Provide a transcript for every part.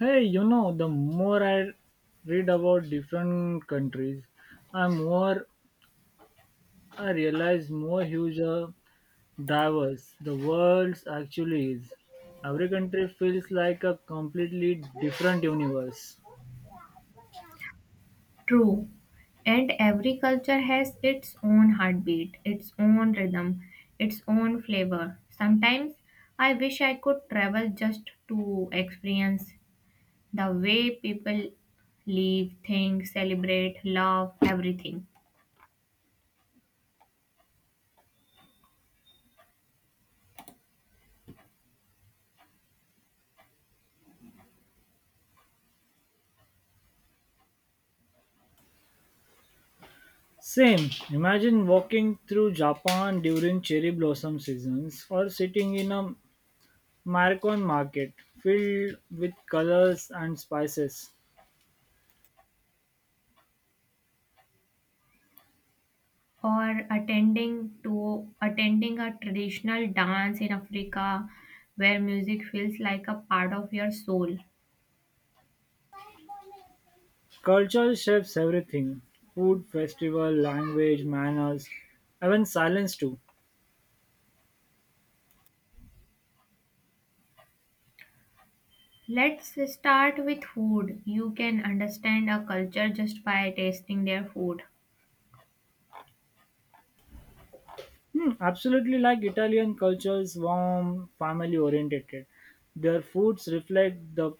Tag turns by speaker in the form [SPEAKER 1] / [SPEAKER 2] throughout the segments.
[SPEAKER 1] Hey, you know, the more I read about different countries, I more I realize more huge diverse the world actually is. Every country feels like a completely different universe.
[SPEAKER 2] True. And every culture has its own heartbeat, its own rhythm, its own flavor. Sometimes I wish I could travel just to experience the way people live, think, celebrate, love, everything.
[SPEAKER 1] Same. Imagine walking through Japan during cherry blossom seasons or sitting in a Maricon market filled with colors and spices.
[SPEAKER 2] Or attending a traditional dance in Africa where music feels like a part of your soul.
[SPEAKER 1] Culture shapes everything food, festival, language, manners, even silence too.
[SPEAKER 2] Let's start with food. You can understand a culture just by tasting their food.
[SPEAKER 1] Hmm, absolutely like Italian culture is warm, family oriented. Their foods reflect the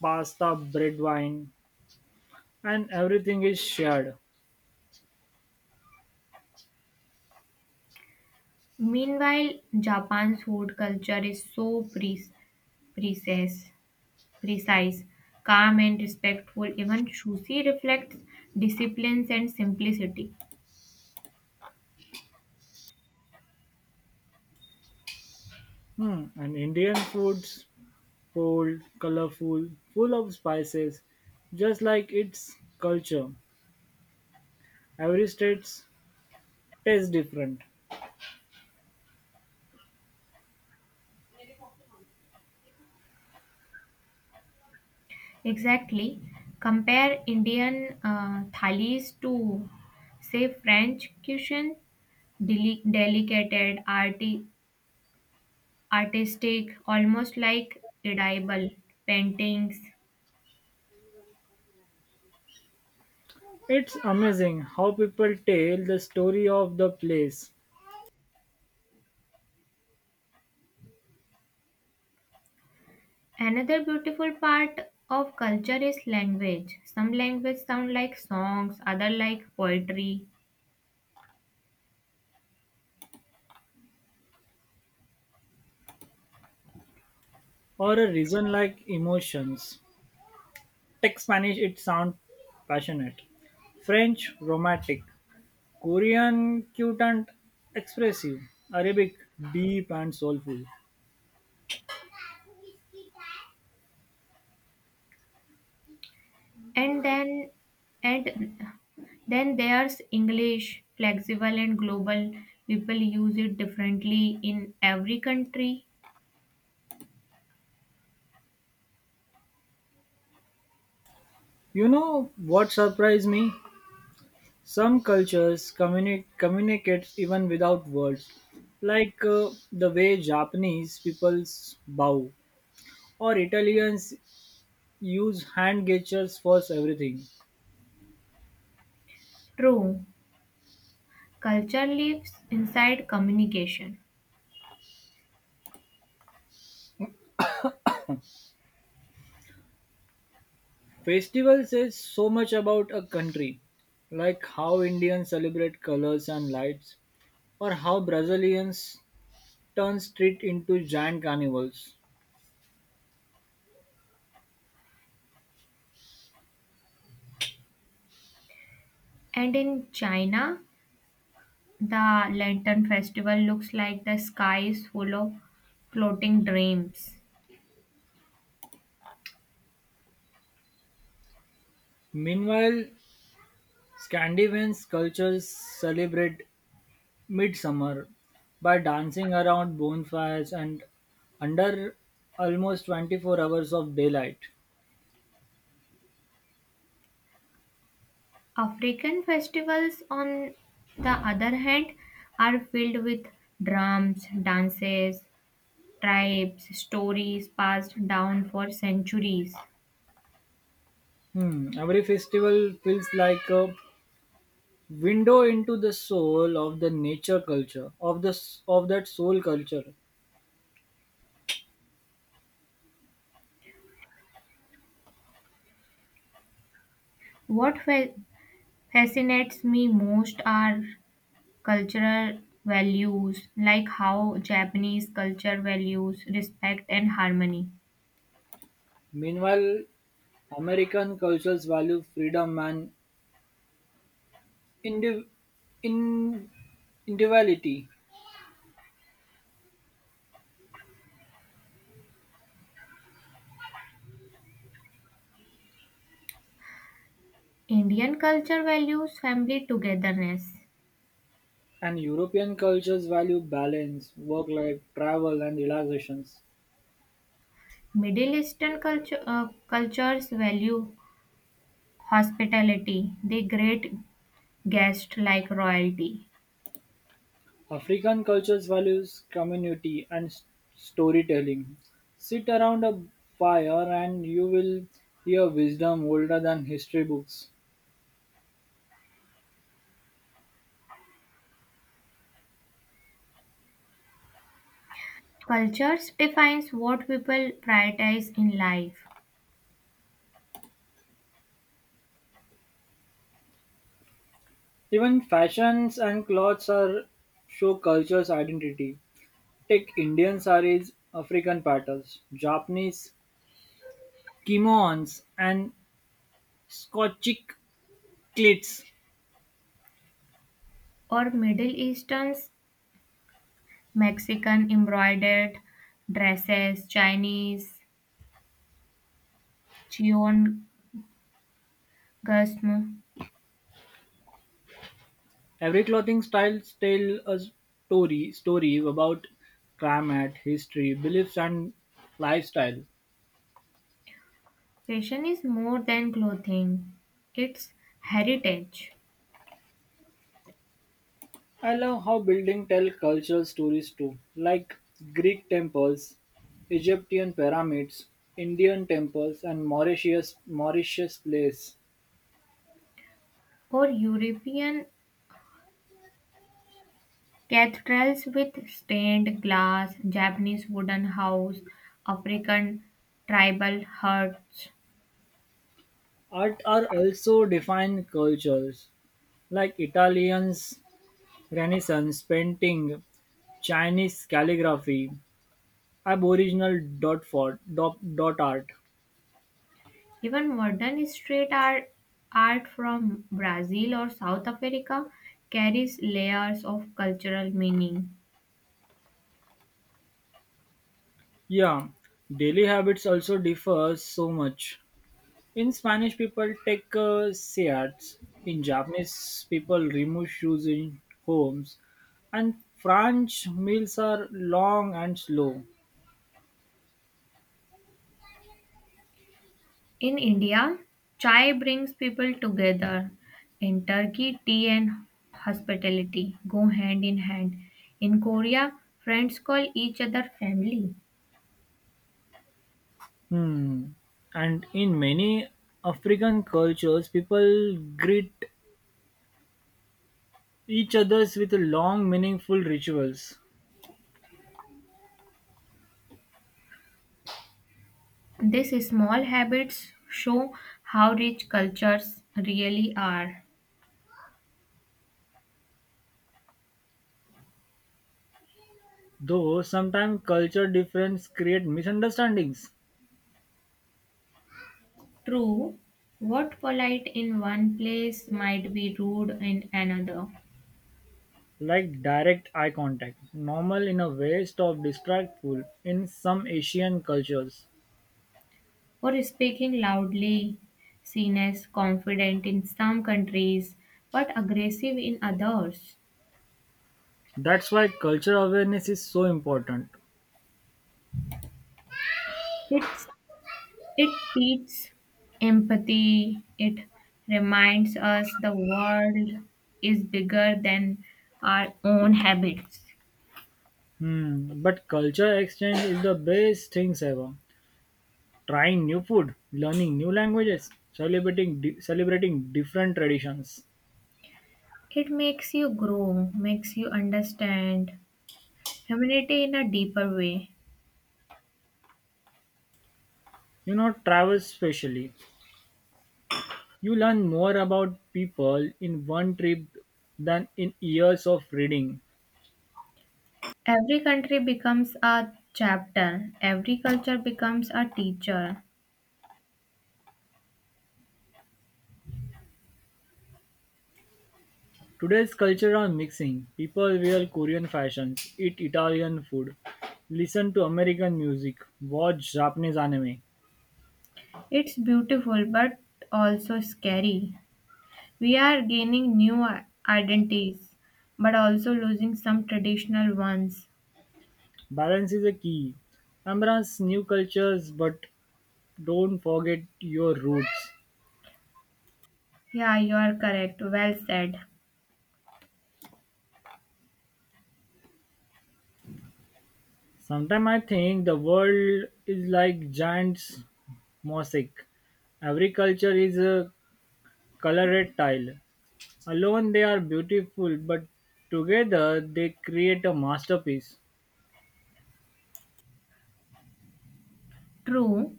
[SPEAKER 1] pasta, bread, wine, and everything is shared.
[SPEAKER 2] Meanwhile, Japan's food culture is so precise, precise, calm, and respectful. Even sushi reflects disciplines and simplicity.
[SPEAKER 1] Hmm, and Indian foods bold, colorful, full of spices, just like its culture. Every state tastes different.
[SPEAKER 2] Exactly. Compare Indian thalis to, say, French cuisine, delicate, arty, artistic, almost like edible paintings.
[SPEAKER 1] It's amazing how people tell the story of the place.
[SPEAKER 2] Another beautiful part of culture is language. Some language sound like songs, other like poetry,
[SPEAKER 1] Or a reason like emotions, take Spanish it sounds passionate, French romantic, Korean cute and expressive, Arabic deep and soulful.
[SPEAKER 2] and then and then there's English, flexible and global. People use it differently in every country.
[SPEAKER 1] You know what surprised me? Some cultures communicate even without words, like the way Japanese people bow or Italians use hand gestures for everything.
[SPEAKER 2] True, culture lives inside communication.
[SPEAKER 1] Festival says so much about a country, like how Indians celebrate colors and lights, or how Brazilians turn street into giant carnivals.
[SPEAKER 2] And in China, the Lantern Festival looks like the sky is full of floating dreams.
[SPEAKER 1] Meanwhile, Scandinavian cultures celebrate midsummer by dancing around bonfires and under almost 24 hours of daylight.
[SPEAKER 2] African festivals, on the other hand, are filled with drums, dances, tribes, stories passed down for centuries.
[SPEAKER 1] Hmm, every festival feels like a window into the soul of the nature culture, of that soul culture.
[SPEAKER 2] What fascinates me most are cultural values, like how Japanese culture values respect and harmony.
[SPEAKER 1] Meanwhile, American cultures value freedom and indiv- in- individuality,
[SPEAKER 2] Indian culture values family togetherness.
[SPEAKER 1] and European cultures value balance, work life, travel, and relaxations.
[SPEAKER 2] Middle Eastern cultures value hospitality. They greet guests like royalty.
[SPEAKER 1] African cultures values community and storytelling. Sit around a fire and you will hear wisdom older than history books.
[SPEAKER 2] Cultures defines what people prioritize in life.
[SPEAKER 1] Even fashions and clothes are show culture's identity. Take Indian saris, African patterns, Japanese kimonos and Scottish kilts.
[SPEAKER 2] Or Middle Easterns, Mexican embroidered dresses, Chinese Cheon gasm.
[SPEAKER 1] Every clothing style tells a story about climate, history, beliefs and lifestyle.
[SPEAKER 2] Fashion is more than clothing; it's heritage.
[SPEAKER 1] I love how buildings tell cultural stories too, like Greek temples, Egyptian pyramids, Indian temples, and Mauritius place.
[SPEAKER 2] Or European cathedrals with stained glass, Japanese wooden house, African tribal huts,
[SPEAKER 1] Art are also defined cultures, like Italians Renaissance painting, Chinese calligraphy, Aboriginal dot art.
[SPEAKER 2] even modern street art, art from Brazil or South Africa carries layers of cultural meaning.
[SPEAKER 1] Yeah, daily habits also differ so much. In Spanish, people take seats. In Japanese, people remove shoes in homes. And French meals are long and slow.
[SPEAKER 2] In India, chai brings people together. In Turkey, tea and hospitality go hand in hand. In Korea, friends call each other family.
[SPEAKER 1] Hmm. And in many African cultures, people greet each others with long, meaningful rituals.
[SPEAKER 2] These small habits show how rich cultures really are.
[SPEAKER 1] Though sometimes culture differences create misunderstandings,
[SPEAKER 2] True, what polite in one place might be rude in another,
[SPEAKER 1] like direct eye contact, normal in a way, stop distractful in some Asian cultures.
[SPEAKER 2] or speaking loudly seen as confident in some countries but aggressive in others.
[SPEAKER 1] That's why culture awareness is so important.
[SPEAKER 2] It, it teaches empathy, it reminds us the world is bigger than our own habits.
[SPEAKER 1] Hmm. But culture exchange is the best things ever. Trying new food, learning new languages, celebrating different traditions.
[SPEAKER 2] It makes you grow, makes you understand humanity in a deeper way.
[SPEAKER 1] You know, travel especially. You learn more about people in one trip than in years of reading.
[SPEAKER 2] Every country becomes a chapter, every culture becomes a teacher.
[SPEAKER 1] Today's culture are mixing. People wear Korean fashions, eat Italian food, listen to American music, watch Japanese anime.
[SPEAKER 2] It's beautiful but also scary. We are gaining new identities but also losing some traditional ones.
[SPEAKER 1] Balance is a key. Embrace new cultures but don't forget your roots.
[SPEAKER 2] Yeah, you are correct. Well said.
[SPEAKER 1] Sometimes I think the world is like giant mosaic. Every culture is a colored tile. Alone they are beautiful, but together they create a masterpiece.
[SPEAKER 2] True.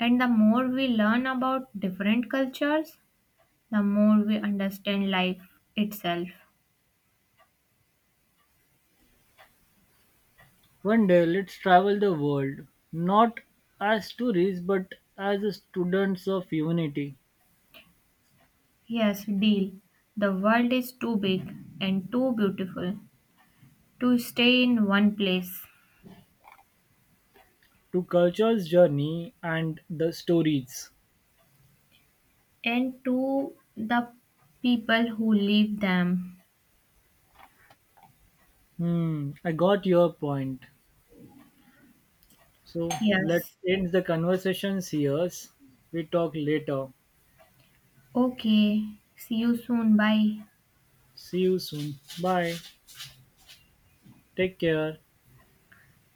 [SPEAKER 2] And the more we learn about different cultures, the more we understand life itself.
[SPEAKER 1] One day, let's travel the world, not as tourists but as students of humanity,
[SPEAKER 2] Yes, deal. The world is too big and too beautiful to stay in one place
[SPEAKER 1] to culture's journey and the stories.
[SPEAKER 2] and to the people who leave them.
[SPEAKER 1] Hmm, I got your point. So let's
[SPEAKER 2] Yes.
[SPEAKER 1] end the conversations here. We talk later.
[SPEAKER 2] Okay. See you soon. Bye.
[SPEAKER 1] See you soon. Bye. Take care.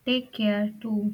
[SPEAKER 2] Take care too.